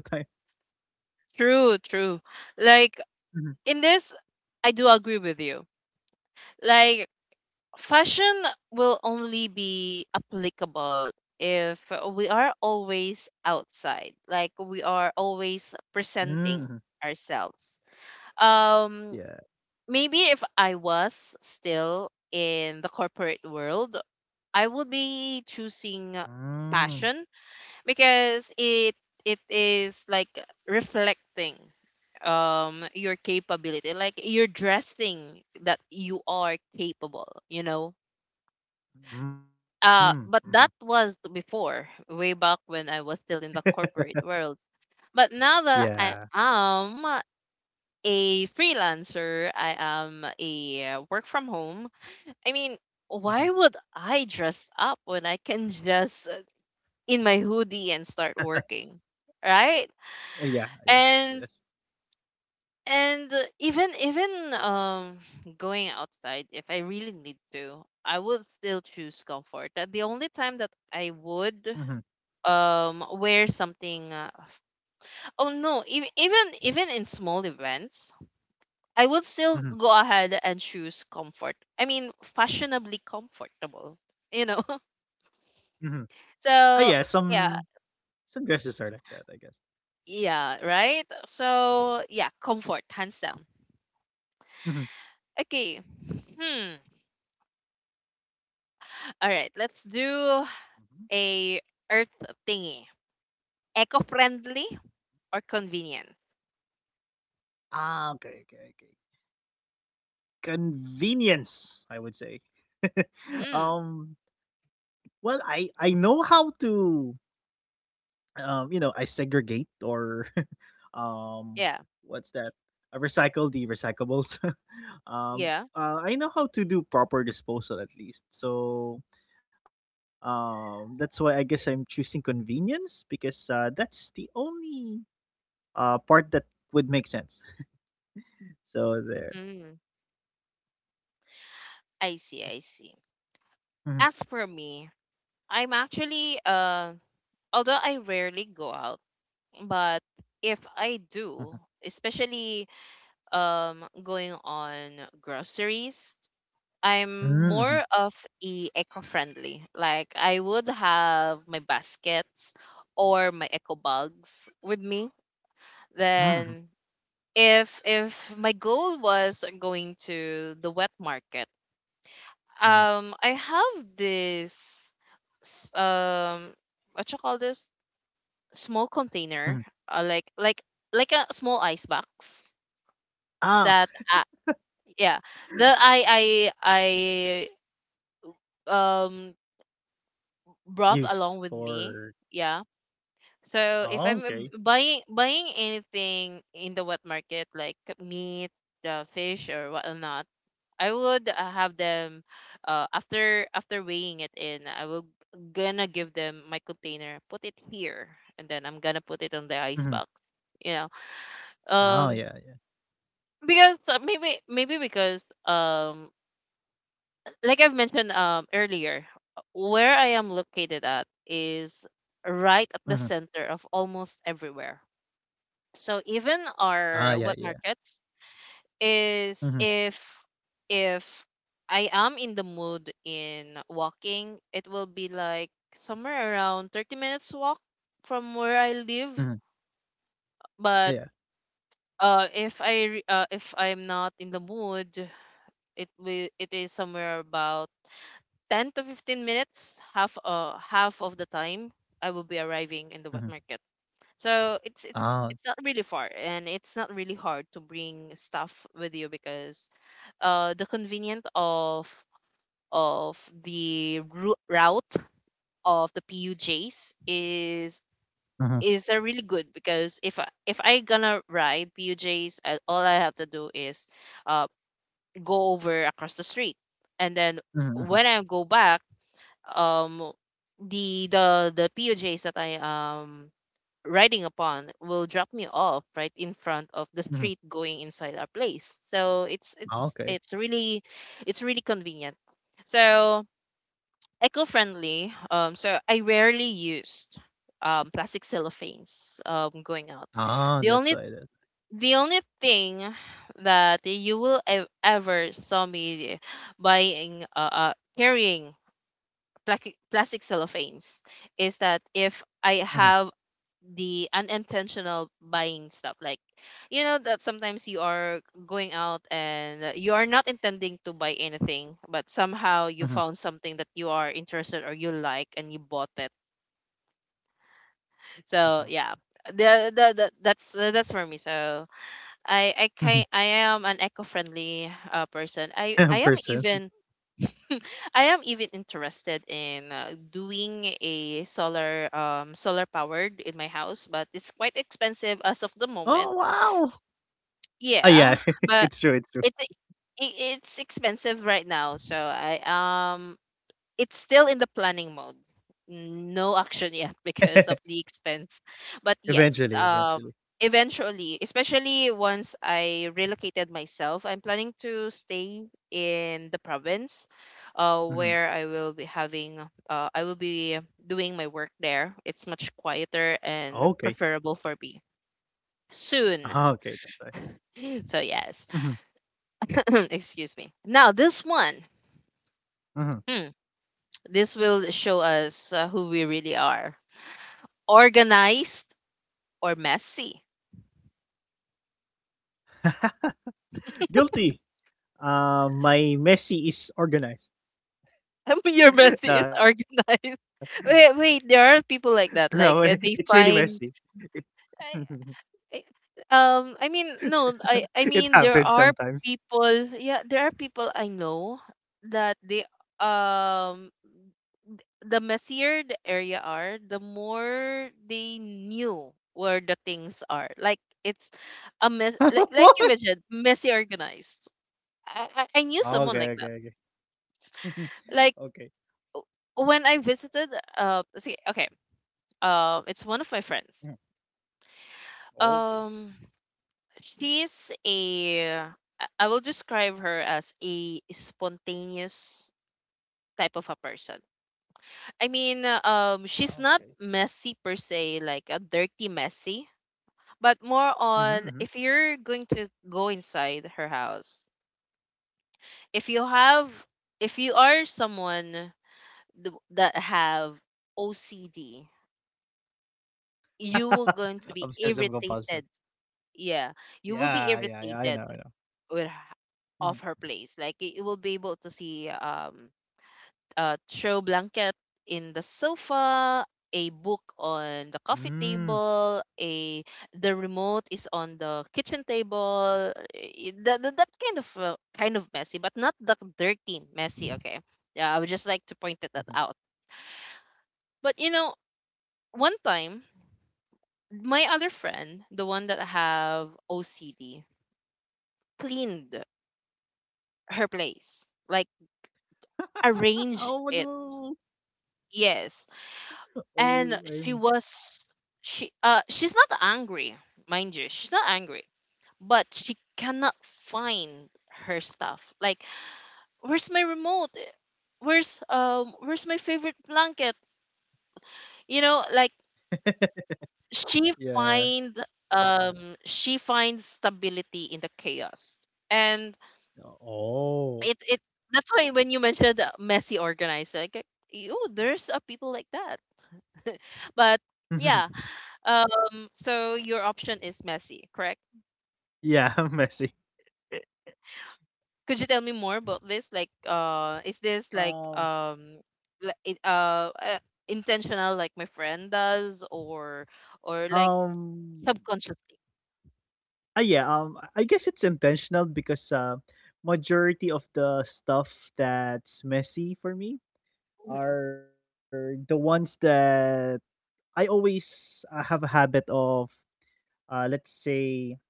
true. Like
Mhm.
in this, I do agree with you. Like fashion will only be applicable if we are always outside, like we are always
Mm.
presenting ourselves.
Yeah.
Um, maybe if I was still in the corporate world, I would be choosing
Mm.
fashion because it is like reflecting, your capability, like you're dressing that you are capable, you know.
Mm.
Uh,
hmm
but that was before, way back, when I was still in the corporate world. But now that I
Yeah.
am a freelancer, I am a work from home, I mean, why would
hmm
I dress up when I can just, in my hoodie and start working, right?
yeah. Yeah.
and
Yes.
And even even um going outside, if I really need to, I would still choose comfort. The only time that I
hmm
would wear something oh no, even even in small events, I would still go
hmm
ahead and choose comfort. I mean, fashionably comfortable, you know.
hmm Ah,
So,
yeah.
yeah,
Some dresses are like that, I guess.
yeah, right? So, yeah, comfort hands down.
Hmm
Okay. Hmm. All right, let's do a earth thingy. Eco-friendly or convenient?
Ah, okay, okay, okay. Convenience, I would say.
Mm,
um, well, I know how to, you know, I segregate, or um,
yeah,
what's that? I recycle the recyclables. um,
yeah.
I know how to do proper disposal at least. So, that's why I guess I'm choosing convenience, because that's the only part that would make sense. So there.
Mm, I see, I see.
Mhm,
As for me, I'm actually, although I rarely go out, but if I
mhm.
do, especially going on groceries, I'm
Mhm,
more
mhm.
of a eco-friendly. Like I would have my baskets or my eco bags with me.
Mhm,
Then if my goal was going to the wet market,
mhm,
I have this s- um what you call this, small
mhm.
container, uh, like like like a small ice box that
Ah,
yeah that I
use
brought along with
for.
me. Yeah. So if
Oh,
I'm
okay.
buying anything in the wet market, like meat, the fish or whatnot, I would have them, after weighing it in, I will gonna give them my container, put it here, and then I'm gonna put it on the
Mhm.
ice box. You know,
Oh,
um,
yeah, yeah.
because maybe because, like I've mentioned earlier, where I am
Mhm.
located at is right at the center of almost everywhere. So even
Ah, yeah,
our
yeah.
wet markets is,
Mhm,
if I am in the mood in walking, it will be like somewhere around 30 minutes walk from where I live.
mhm.
But
Yeah.
if I re- if I'm not in the mood, it is somewhere about 10 to 15 minutes, half of the time I will be arriving in the wet
Mhm.
market. So it's not
Oh.
really far and it's not really hard to bring stuff with you, because the convenient of of the route of the PUJs is
Mhm,
a really good, because if I gonna ride PUJs, all I have to do is uh, go over across the street, and then when I
mhm,
go
mhm,
back, um, the PUJs that I riding upon will drop me off right in front of the street going
mhm.
inside our place. So it's
Ah,
really,
okay.
it's really convenient. So eco-friendly, so I rarely used plastic cellophanes going out. the only
Ah, that's why that.
the only thing that you will ever saw me buying, carrying plastic cellophanes, is that if I
Mhm,
have the unintentional buying stuff, like, you know, that sometimes you are going out and you are not intending to buy anything but somehow you found something that
mhm,
you are interested or you like and you bought it. So
mhm,
yeah. The that's for me. So I can I am
mhm.
an eco-friendly person. I am even
Person.
I am even interested in doing a solar, solar powered in my house, but it's quite expensive as of the
Oh,
moment.
wow! Ah,
Yeah,
yeah.
but
It's true, it's true.
it it's expensive right now, so I it's still in the planning mode. No action yet because of the expense. But yes,
Eventually, eventually.
eventually, especially once I relocated myself, I'm planning to stay in the province, where I will
Mhm.
be having, I will be doing my work there. It's much quieter and
Okay.
preferable for me soon.
Ah, okay, that's why.
So yes,
Mhm,
excuse me. Now this one, hmm,
mhm.
this will show us who we really are. Organized or messy.
Guilty. My Messi is organized.
Your messy is
No,
organized. Wait, wait, there are
no,
people like
it's
that.
really
Like they
messy.
find,
It
I, I, I mean, no,
it
I mean,
happens
there are
sometimes.
people. Yeah, there are people I know that um, the messier the area are, the more they knew where the things are. Like it's a mess. Like
What?
you mentioned, messy organized. I knew
Oh,
someone like
okay,
that.
okay, okay.
Like,
okay.
when I visited, see, okay, it's one of my
Mhm.
friends.
Okay.
Um, she's a, I I will describe her as a spontaneous type of a person. I
Ah,
mean,
okay.
she's not messy per se, like a dirty messy, but more
Mm-hmm.
on, if you're going to go inside her house, if you have, if you are someone that have OCD, you will going to be
Obsessive compulsive.
irritated, yeah, you will
Yeah,
be
yeah, yeah. I know, I
irritated
know.
with
Mhm.
of her place, like you will be able to see a throw blanket in the sofa, a book on the
Mm.
coffee table, a the remote is on the kitchen table, eh, that kind of kind of messy, but not the dirty messy, okay. Yeah, I would just like to point that
Mhm.
out. But you know, one time my other friend, the one that have OCD, cleaned her place, like, arrange
Oh
it.
no.
Yes,
Oh, I'm.
and she she's not angry, mind you, she's not angry, but she cannot find her stuff. Like, where's my remote? Where's where's my favorite blanket? You know, like she
yeah.
find um she finds stability in the chaos, and
Oh.
it that's why when you mentioned messy organizer, like, you there's people like that. But yeah, so your option is messy, correct?
Yeah, messy.
Could you tell me more about this? Like, is this like
Um.
li- it, uh, uh, intentional, like my friend does, or like
Um.
subconsciously?
Ah, yeah. I guess it's intentional, because majority of the stuff that's messy for me are the ones that I always have a habit of. Let's say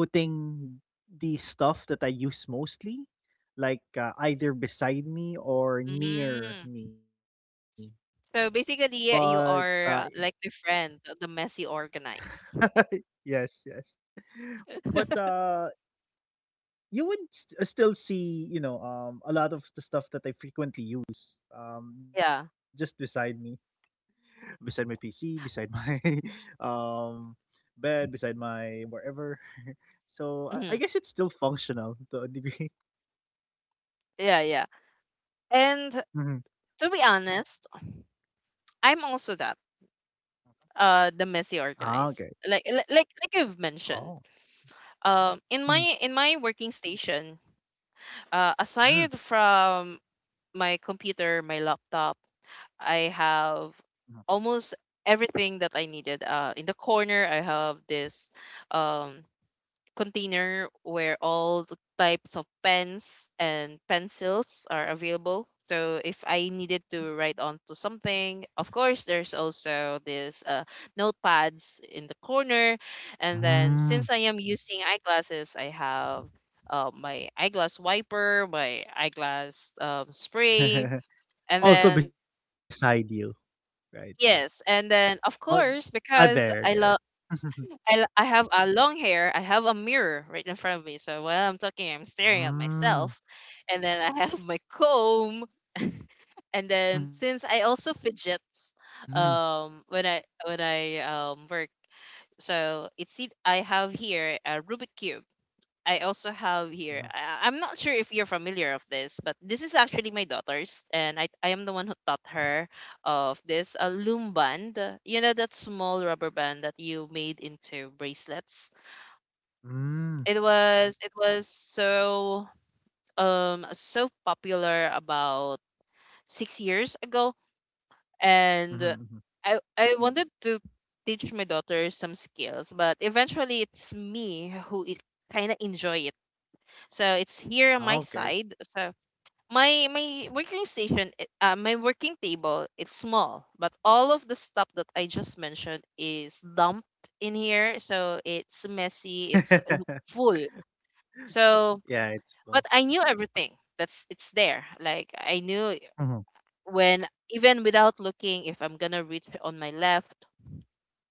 putting the stuff that I use mostly, like either beside me or near
Mm.
me.
So
But
basically, yeah, you are like my friend, the messy organized.
yes, yes. But you would still see, you know, a lot of the stuff that I frequently use, just
Yeah.
beside me, beside my PC, beside my, um, bed, beside my wherever. so I
hmm
guess it's still functional to a degree.
Yeah, yeah. And
Mhm.
to be honest, I'm also that, the
Ah, okay.
messy organized. Like, like you've
Oh.
mentioned,
Mhm.
in my working station
Mm.
aside from my computer my laptop I have almost everything that I needed in the corner I have this um container where all the types of pens and pencils are available. So if I needed to write onto something, of course there's also this notepads in the corner. And then
Mm.
since I am using eyeglasses, I have my eyeglass wiper, my eyeglass spray, and
also
then
beside you, right?
yes, and
Oh,
then of
ah,
course
there,
because
there. mm.
I have a long hair. I have a mirror right in front of me. So while I'm talking, I'm staring at myself. And then I have my comb. And then
Mm-hmm.
since I also fidget when I work, so it's it I have here a Rubik cube. I also have
Mm-hmm.
here. I'm not sure if you're familiar of this, but this is actually my daughter's, and I am the one who taught her of this a loom band. You know that small rubber band that you made into bracelets
Mm-hmm. mm Mhm.
it was so so popular about 6 years ago
Mhm.
and
Mhm.
I wanted to teach my daughter some skills, but eventually it's me who it kind of enjoy it. So it's here on my
Ah, okay.
side. So my my working table, it's small, but all of the stuff that I just mentioned is dumped in here, so it's messy, it's full. So
Yeah, it's
but
full.
I knew everything. That's It's there. Like I knew
Mhm,
when, even without looking, if I'm gonna reach on my left,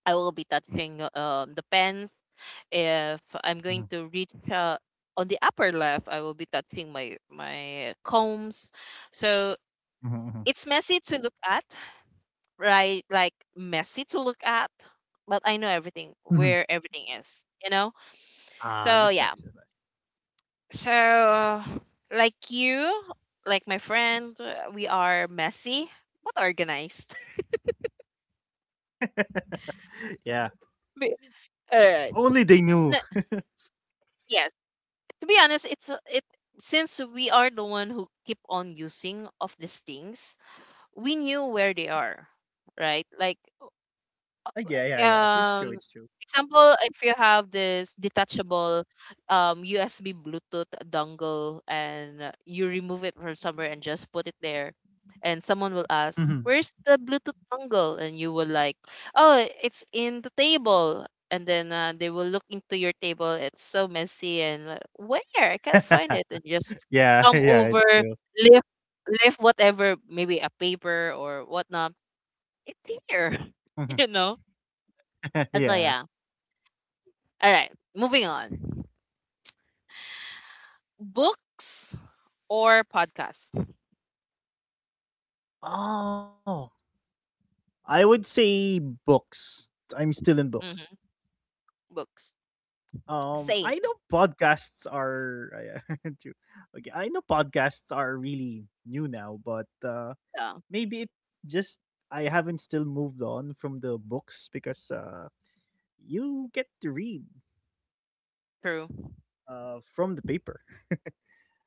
I will be touching the pens. If I'm going
mhm,
to reach on the upper left, I will be touching my combs. So
mhm, mhm,
it's messy to look at, right? Like messy to look at, but I know everything
mhm.
where everything is. You know.
Ah,
So
that's nice,
yeah,
that's
so, like you, like my friend, we are messy but organized.
nice. Yeah,
Be-
if
Alright.
only they
N-
knew.
Yes. To be honest, it since we are the one who keep on using of these things, we knew where they are, right? Like
Yeah, yeah, yeah. It's true, it's
um
true.
example if you have this detachable USB Bluetooth dongle and you remove it from somewhere and just put it there, and someone will ask
Mhm.
where's the Bluetooth dongle and you will like, oh, it's in the table. And then they will look into your table, it's so messy, and like, where I can't find it. And just
Yeah,
come
yeah,
over,
it's true.
lift, lift whatever, maybe a paper or whatnot, it's here.
Mhm.
You know. So yeah,
Yeah.
all right, moving on. Books or podcasts?
Oh, I would say books. I'm still in
Hmm
books.
Books. Same.
I know podcasts are, yeah, true. Okay, I know podcasts are really new now, but
Yeah,
maybe it just, I haven't still moved on from the books, because you get to read
true.
from the paper.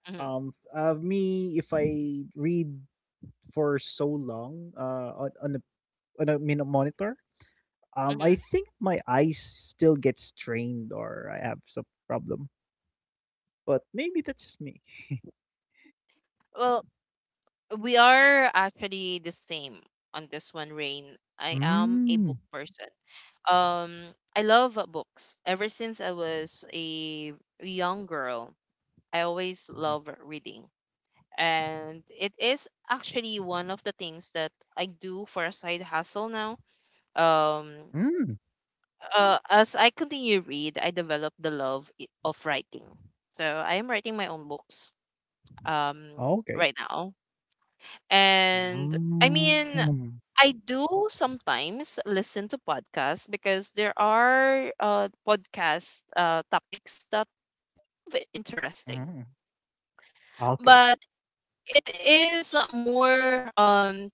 Hmm
Me, if I read for so long on on a monitor,
hmm
I think my eyes still get strained, or I have some problem. But maybe that's just me.
Well, we are actually the same on this one, Rain. I am a
Mm.
book person. Um, I love books. Ever since I was a young girl, I always love reading. And it is actually one of the things that I do for a side hustle now. Um,
Mm.
as I continue read, I develop the love of writing. So I am writing my own books um
Okay.
right now. And I mean,
Mm.
I do sometimes listen to podcasts because there are podcast topics that are interesting.
Mm. Okay.
But it is more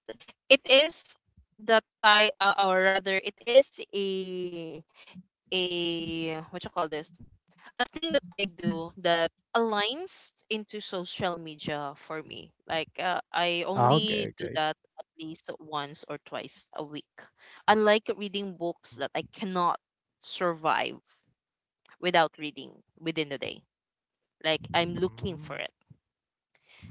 it is the type or rather it is a a what you call this, a thing that I do that aligns into social media for me. Like I only
Okay.
do
Okay.
that at least once or twice a week. Unlike reading books that I cannot survive without reading within the day. Like I'm looking
Mm.
for it.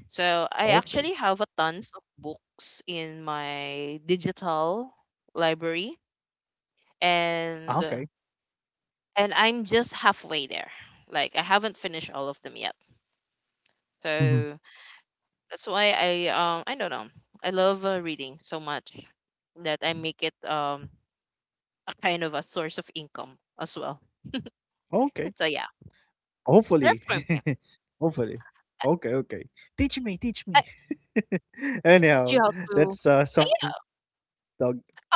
So I
Okay.
actually have a tons of books in my digital library,
Ah, okay.
and I'm just halfway there. Like I haven't finished all of them yet.
Mhm.
So that's why I don't know. I love reading so much that I make it a kind of a source of income as well.
Okay.
So yeah,
Hopefully.
that's for me.
Hopefully.
I,
Okay, okay. Teach me, teach me.
I teach you
Anyhow,
how to.
that's some
Yeah,
dog.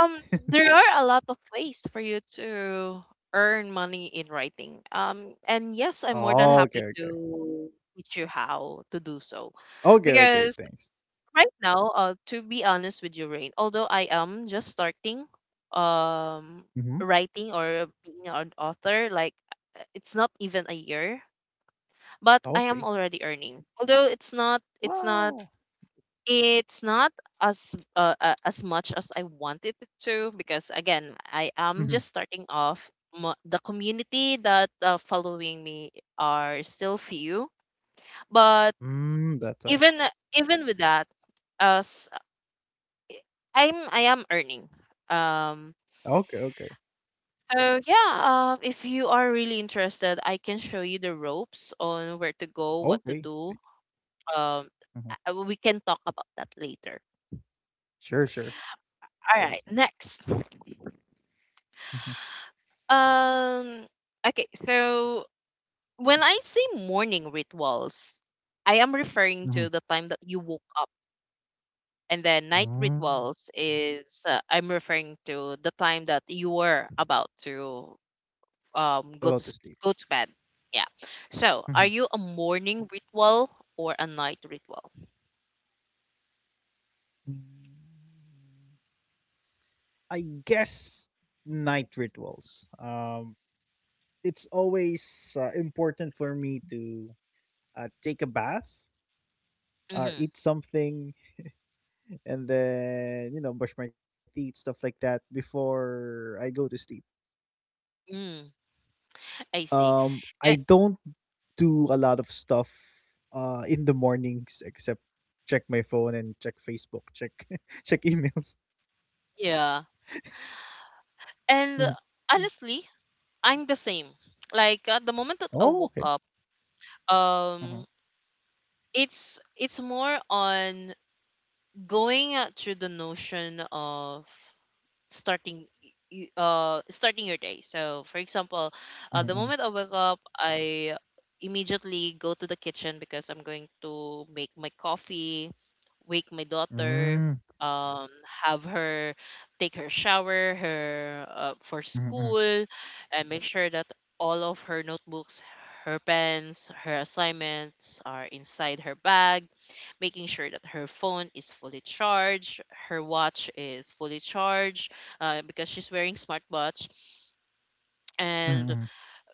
um, there are a lot of ways for you to earn money in writing. And yes, I'm more than
Oh, okay,
happy
okay.
to teach you how to do so,
Okay, okay,
because
thanks.
right now, to be honest with you, Rain, although I am just starting um
Mhm.
writing or being an author, like it's not even a year, but I am
Okay.
already earning. Although
Wow.
it's not as as much as I wanted it to because again, I
Mhm.
am just starting off. The community that following me are still few, but
Mm, that's why.
even even with that, as I am earning. Um
Okay, okay.
So yeah, if you are really interested, I can show you the ropes on where to go, what to
Okay.
do.
Thanks.
Um
Mhm.
we can talk about that later.
Sure, sure.
All
Thanks,
right,
thanks.
next.
Mhm.
Um okay, so when I say morning rituals, I am referring
Mhm.
to the time that you woke up, and then night
Mm.
rituals is I'm referring to the time that you were about to um go to
About to
s-
sleep.
go to bed. Yeah. So, are
Mhm.
you a morning ritual or a night ritual?
Mm, I guess night rituals. It's always important for me to take a bath or
Mm-hmm.
eat something, and then, you know, brush my teeth, stuff like that, before I go to sleep.
Mm, I see.
I
A-
don't do a lot of stuff in the mornings, except check my phone and check Facebook, check, check emails.
yeah.
Mhm.
And
Mm.
honestly, I'm the same. Like the moment that I
Oh, okay.
woke up,
Mhm,
um, it's more on going through the notion of starting starting your day. So for example
mhm,
the
mhm.
moment I wake up, I immediately go to the kitchen because I'm going to make my coffee, wake my daughter,
Mm,
um, have her take her shower, her for
mhm, mhm,
school, and make sure that all of her notebooks, her pens, her assignments are inside her bag, making sure that her phone is fully charged, her watch is fully charged, because she's wearing smartwatch,
mhm,
and
mhm,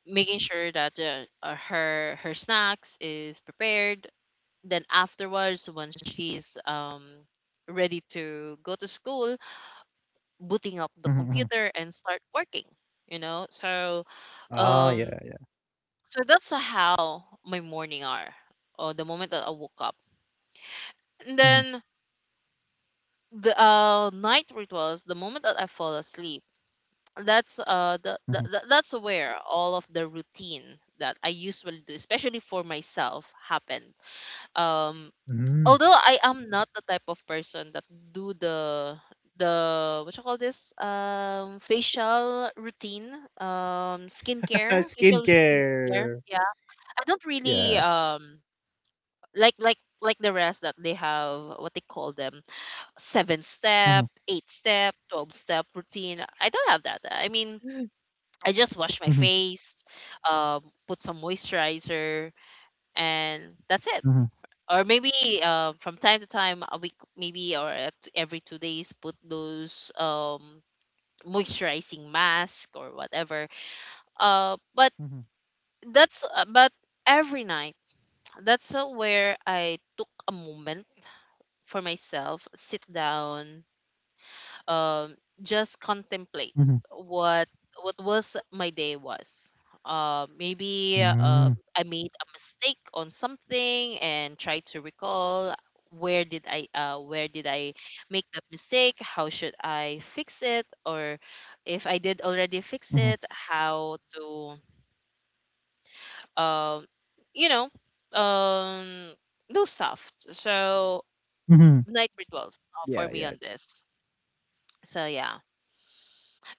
making sure that her snacks is prepared. Then afterwards, once she's ready to go to school,
mhm,
booting up
mhm.
the computer and start working. You know, so
Ah, yeah,
um,
yeah.
so that's how my morning are, or the moment that I woke up. And
Mhm,
then the night rituals, the moment that I fall asleep, that's that's where all of the routine that I usually do, especially for myself, happened. Um,
mhm.
although I am not the type of person that do the what you call this facial skincare,
Skincare.
yeah, I don't really
Yeah.
like the rest that they have what they call them seven step
Mhm,
eight step 12 step routine. I don't have that. I mean, I just wash my
mhm,
face, put some moisturizer, and that's it.
mhm,
Or maybe from time to time a week maybe or at every 2 days, put those moisturizing mask or whatever, but
mhm,
that's but every night, that's where I took a moment for myself, sit down, um, just contemplate
mhm,
what what was my day was. Maybe
mm,
I made a mistake on something and try to recall where did I make that mistake? How should I fix it? Or if I did already
mhm,
fix it, how to um, you know um, do stuff. So
mhm.
night rituals for
Yeah,
me on
yeah.
this. So yeah.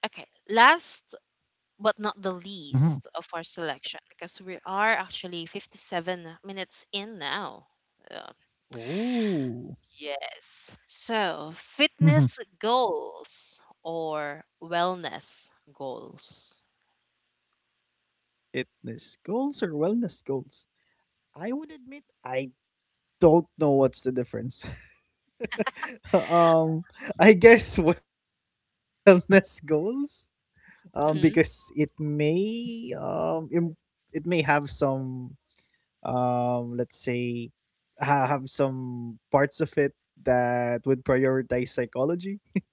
Okay. Last but not the
Mhm.
least of our selection because we are actually 57 minutes in now. Uh,
Ooh.
yes. So,
Mhm.
fitness goals or wellness goals.
Fitness goals or wellness goals? I would admit I don't know what's the difference. um, I guess wellness goals. Because it
Hmm
may it may have some, let's say, have some parts of it that would prioritize psychology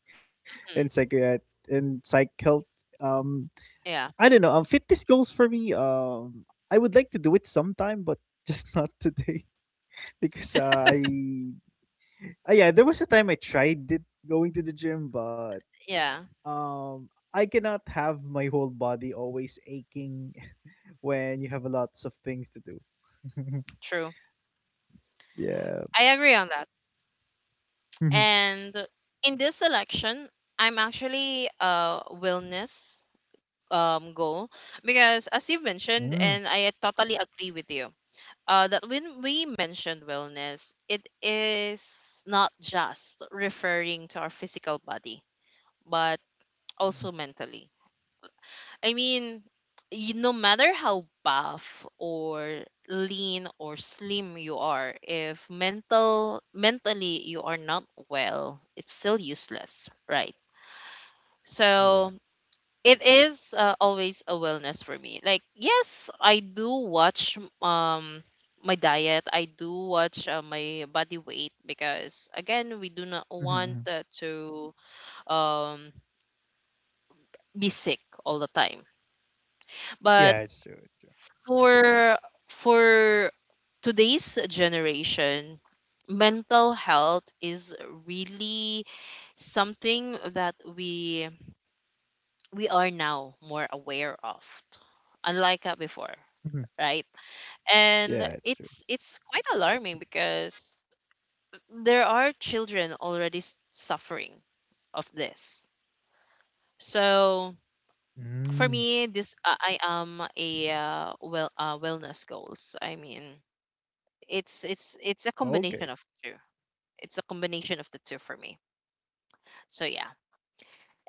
and psych health. um
Yeah,
I don't know, fitness goals for me, I would like to do it sometime, but just not today. because I yeah, there was a time I tried it, going to the gym, but
yeah,
I cannot have my whole body always aching when you have lots of things to do.
true.
yeah.
I agree on that. And in this selection, I'm actually a wellness goal because, as you mentioned,
Mm,
and I totally agree with you that when we mentioned wellness, it is not just referring to our physical body, but
mhm.
also mentally. I mean, you, no matter how buff or lean or slim you are, if mentally you are not well, it's still useless, right?
Yeah.
So it is always a wellness for me. Like yes, I do watch my diet. I do watch my body weight because again, we do not
Mhm,
want
mhm.
to um be sick all the time.
Yeah, it's
But
true, it's true.
for for today's generation, mental health is really something that we are now more aware of, unlike before,
Mhm.
right?
Yeah,
And
it's true.
it's quite alarming because there are children already suffering of this. So
Mm.
for me, this I am a wellness goals. I mean, it's a
Okay.
combination of two. It's a combination of the two for me. So yeah.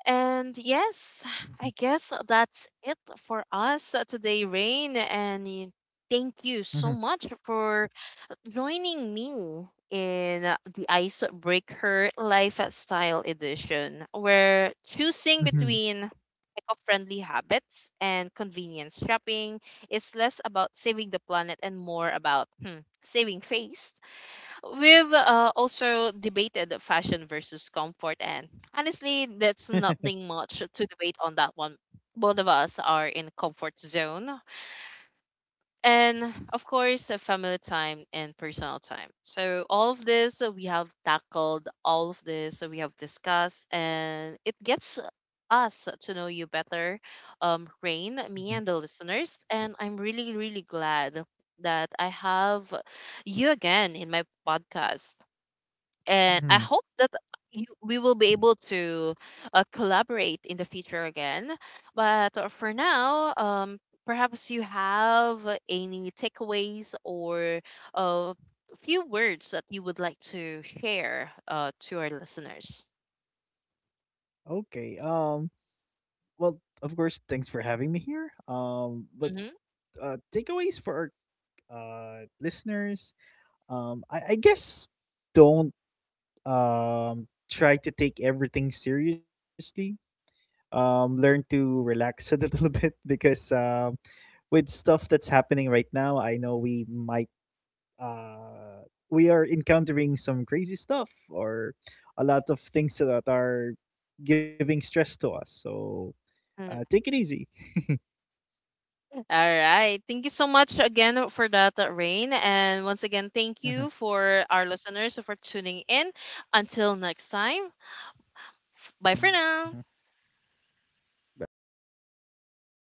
And
Mhm,
yes, I guess that's it for us today, Rain. And thank
mhm,
you so much for joining me in the Icebreaker Lifestyle Edition, where choosing
mhm.
between eco-friendly habits and convenience shopping is less about saving the planet and more about hmm, saving face. We've also debated fashion versus comfort, and honestly that's nothing much to debate on that one. Both of us are in comfort zone, and of course family time and personal time. So all of this we have tackled, all of this we have discussed, and it gets us to know you better, Rain, me
Mhm,
and the listeners, and I'm really really glad that I have you again in my podcast. And I
mhm.
hope that we will be able to collaborate in the future again. But for now, perhaps you have any takeaways or a few words that you would like to share to our listeners.
Okay, well, of course, thanks for having me here. But,
Mhm.
takeaways for our, listeners, I guess don't, try to take everything seriously. Learn to relax a little bit, because with stuff that's happening right now, I know we might we are encountering some crazy stuff, or a lot of things that are giving stress to us. So
Mm.
take it easy.
All right. Thank you so much again for that, Rain. And once again, thank
Hmm
you for our listeners for tuning in. Until next time, bye for
hmm
now.
Bye for now. Thanks for having us.